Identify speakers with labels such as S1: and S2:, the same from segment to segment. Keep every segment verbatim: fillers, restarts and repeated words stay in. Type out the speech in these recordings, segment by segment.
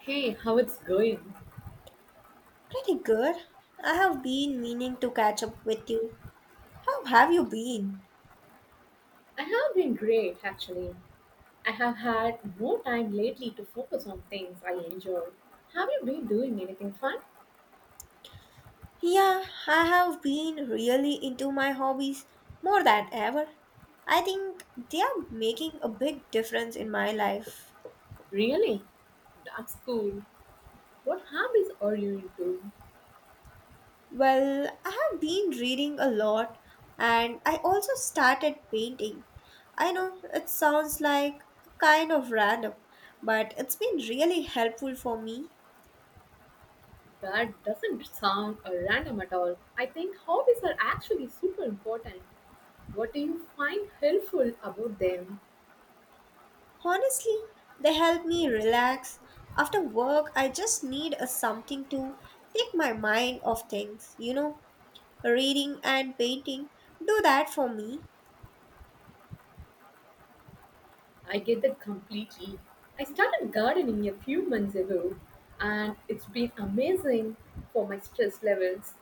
S1: Hey, how it's going?
S2: Pretty good. I have been meaning to catch up with you. How have you been?
S1: I have been great actually. I have had more time lately to focus on things I enjoy. Have you been doing anything fun?
S2: Yeah, I have been really into my hobbies more than ever. I think they are making a big difference in my life.
S1: Really? That's cool. What hobbies are you into?
S2: Well, I have been reading a lot, and I also started painting. I know it sounds like kind of random, but it's been really helpful for me.
S1: That doesn't sound uh, random at all. I think hobbies are actually super important. What do you find helpful about them?
S2: Honestly, they help me relax. After work, I just need a something to take my mind off things, you know. Reading and painting do that for me.
S1: I get that completely. I started gardening a few months ago and it's been amazing for my stress levels.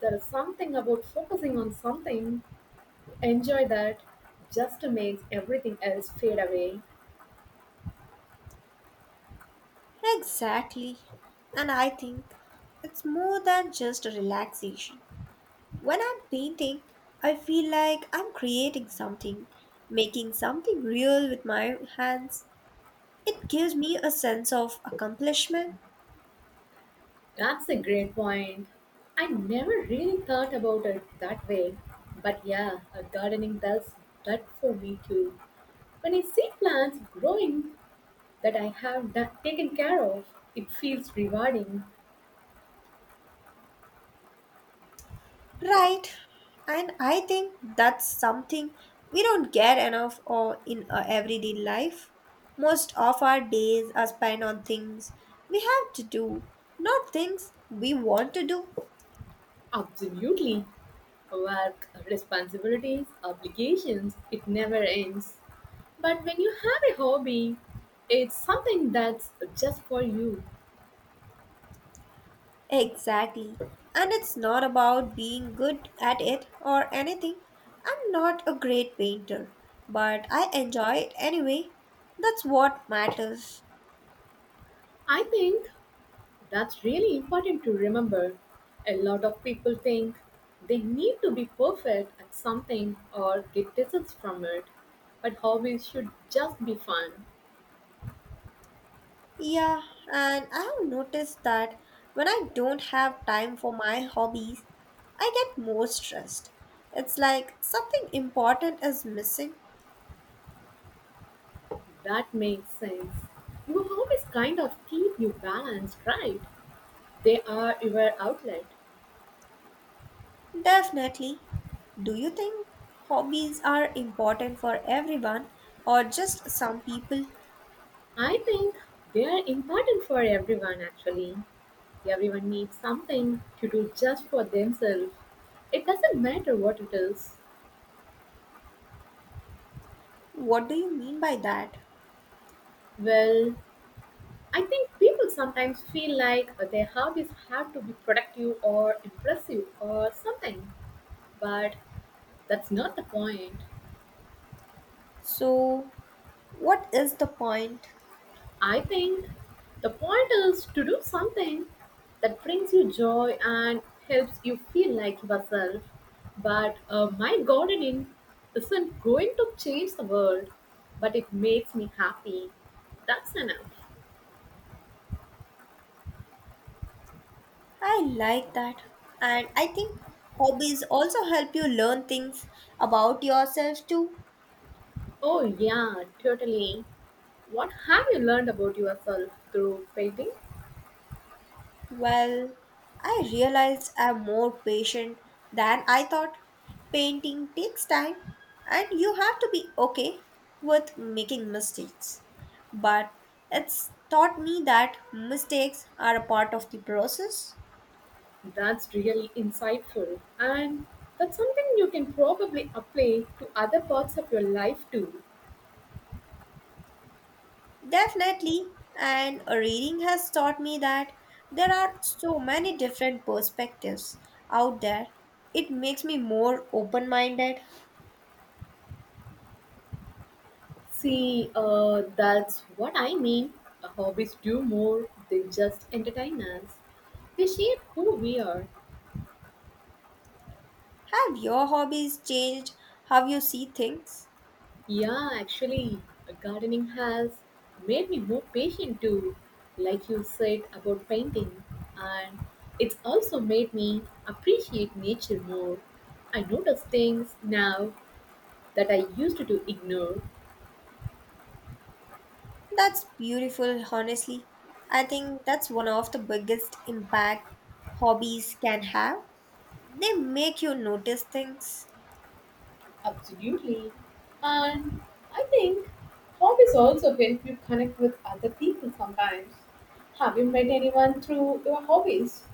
S1: There is something about focusing on something to enjoy that just makes everything else fade away.
S2: Exactly. And I think it's more than just a relaxation. When I'm painting, I feel like I'm creating something, making something real with my hands. It gives me a sense of accomplishment.
S1: That's a great point. I never really thought about it that way. But yeah, uh, gardening does that for me too. When I see plants growing that I have done, taken care of, it feels rewarding.
S2: Right. And I think that's something we don't get enough of in our everyday life. Most of our days are spent on things we have to do, not things we want to do.
S1: Absolutely. Work, responsibilities, obligations, it never ends. But when you have a hobby, it's something that's just for you.
S2: Exactly. And it's not about being good at it or anything. I'm not a great painter, but I enjoy it anyway. That's what matters.
S1: I think that's really important to remember. A lot of people think they need to be perfect at something or get distance from it. But hobbies should just be fun.
S2: Yeah, and I have noticed that when I don't have time for my hobbies, I get more stressed. It's like something important is missing.
S1: That makes sense. Your hobbies kind of keep you balanced, right? They are your outlet.
S2: Definitely. Do you think hobbies are important for everyone or just some people?
S1: I think they are important for everyone actually. Everyone needs something to do just for themselves. It doesn't matter what it is.
S2: What do you mean by that?
S1: Well, I think people sometimes feel like their hobbies have to be productive or impressive or something, but that's not the point.
S2: So, what is the point?
S1: I think the point is to do something that brings you joy and helps you feel like yourself. But uh, my gardening isn't going to change the world, but it makes me happy. That's enough.
S2: I like that. And I think hobbies also help you learn things about yourself too.
S1: Oh, yeah, totally. What have you learned about yourself through painting?
S2: Well, I realized I'm more patient than I thought. Painting takes time, and you have to be okay with making mistakes. But it's taught me that mistakes are a part of the process.
S1: That's really insightful, and that's something you can probably apply to other parts of your life too.
S2: Definitely, and reading has taught me that there are so many different perspectives out there. It makes me more open minded.
S1: See, uh, that's what I mean. Uh, Hobbies do more than just entertain us. They shape who we are.
S2: Have your hobbies changed how you see things?
S1: Yeah, actually, uh, gardening has made me more patient too, like you said about painting. And it's also made me appreciate nature more. I notice things now that I used to ignore.
S2: That's beautiful, honestly. I think that's one of the biggest impact hobbies can have. They make you notice things.
S1: Absolutely. And I think hobbies also help you connect with other people sometimes. Have you met anyone through your hobbies?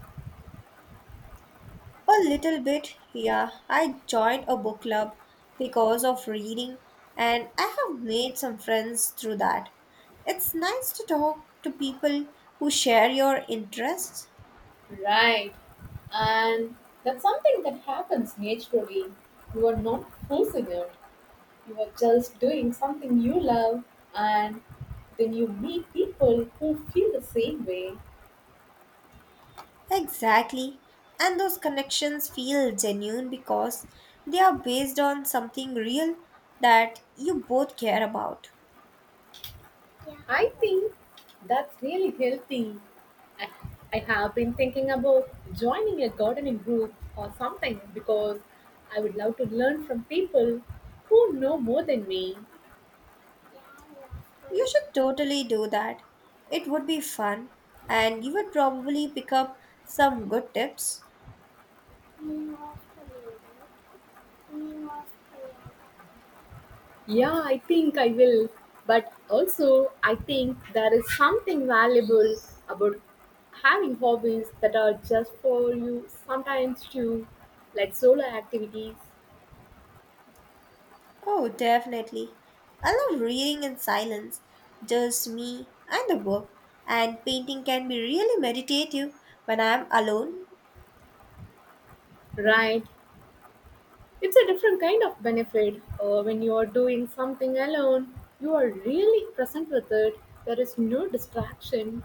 S2: A little bit, yeah. I joined a book club because of reading, and I have made some friends through that. It's nice to talk to people who share your interests.
S1: Right. And that's something that happens naturally. You are not forcing it. You are just doing something you love and then you meet people who feel the same way.
S2: Exactly. And those connections feel genuine because they are based on something real that you both care about.
S1: I think that's really healthy. I, I have been thinking about joining a gardening group or something because I would love to learn from people who know more than me.
S2: You should totally do that. It would be fun, and you would probably pick up some good tips.
S1: Yeah, I think I will. But also, I think there is something valuable about having hobbies that are just for you sometimes too, like solo activities,
S2: Oh, definitely. I love reading in silence, just me and the book, and painting can be really meditative when I am alone.
S1: right? It's a different kind of benefit. Uh, when you are doing something alone, you are really present with it. There is no distraction,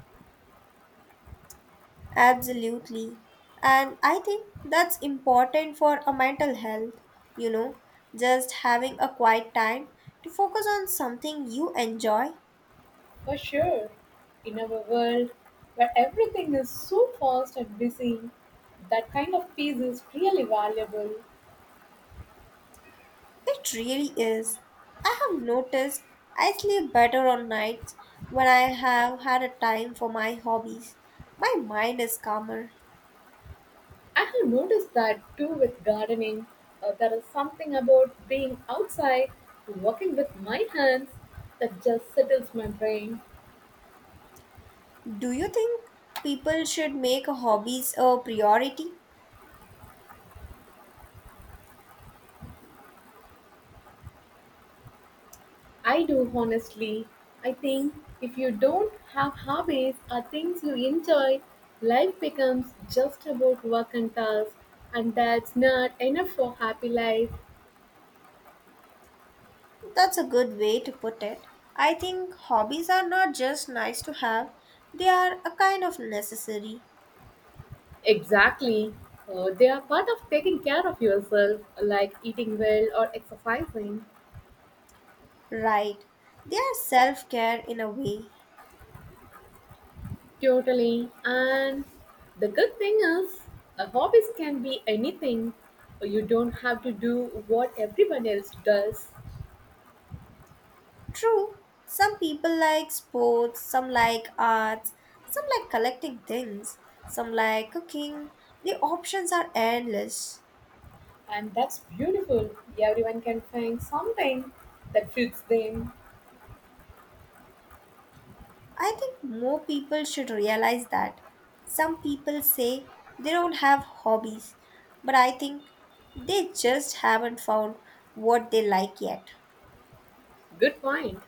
S2: Absolutely. And I think that's important for a mental health, you know, just having a quiet time to focus on something you enjoy.
S1: for sure. In our world, where everything is so fast and busy, that kind of peace is really valuable.
S2: It really is. I have noticed I sleep better on nights when I have had a time for my hobbies. My mind is calmer.
S1: I have noticed that too with gardening. Uh, there is something about being outside, working with my hands, that just settles my brain.
S2: Do you think people should make hobbies a priority?
S1: I do, honestly. I think if you don't have hobbies or things you enjoy, life becomes just about work and tasks, and that's not enough for happy life.
S2: That's a good way to put it. I think hobbies are not just nice to have, they are a kind of necessary.
S1: Exactly. Uh, they are part of taking care of yourself, like eating well or exercising.
S2: Right. They are self care in a way.
S1: Totally. And the good thing is, uh, hobbies can be anything. You don't have to do what everyone else does.
S2: True. Some people like sports, some like arts, some like collecting things, some like cooking. The options are endless.
S1: And that's beautiful. Everyone can find something that fits them.
S2: I think more people should realize that. Some people say they don't have hobbies, but I think they just haven't found what they like yet.
S1: Good point.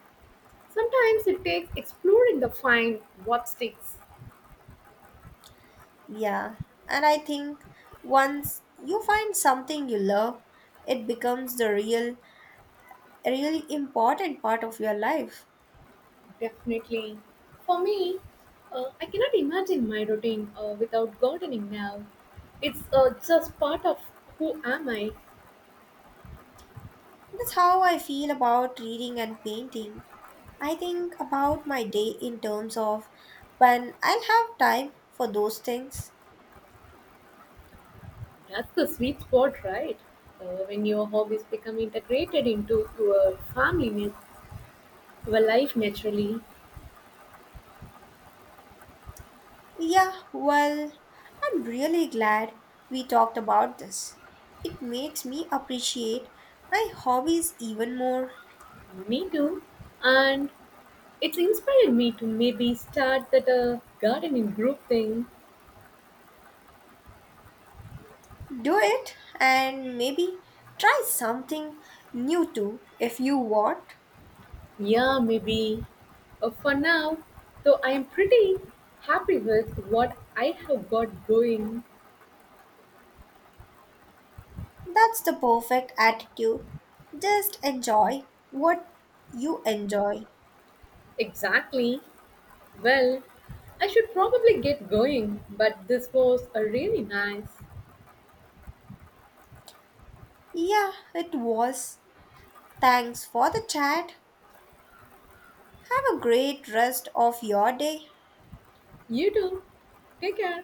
S1: Sometimes it takes exploring the find what sticks.
S2: Yeah, and I think once you find something you love, it becomes the real, really important part of your life.
S1: Definitely. For me, uh, I cannot imagine my routine uh, without gardening now. It's uh, just part of who am I.
S2: That's how I feel about reading and painting. I think about my day in terms of when I'll have time for those things.
S1: That's the sweet spot, right? Uh, when your hobbies become integrated into your family, nat- your life naturally.
S2: Yeah, well, I'm really glad we talked about this. It makes me appreciate my hobbies even more.
S1: Me too. And it's inspired me to maybe start that uh, gardening group thing.
S2: Do it, and maybe try something new too if you want.
S1: Yeah, maybe. Uh, for now, though, I am pretty happy with what I have got going.
S2: That's the perfect attitude. Just enjoy what you enjoy.
S1: Exactly. Well, I should probably get going, but this was a really nice.
S2: Yeah, it was. Thanks for the chat. Have a great rest of your day.
S1: You too. Take care.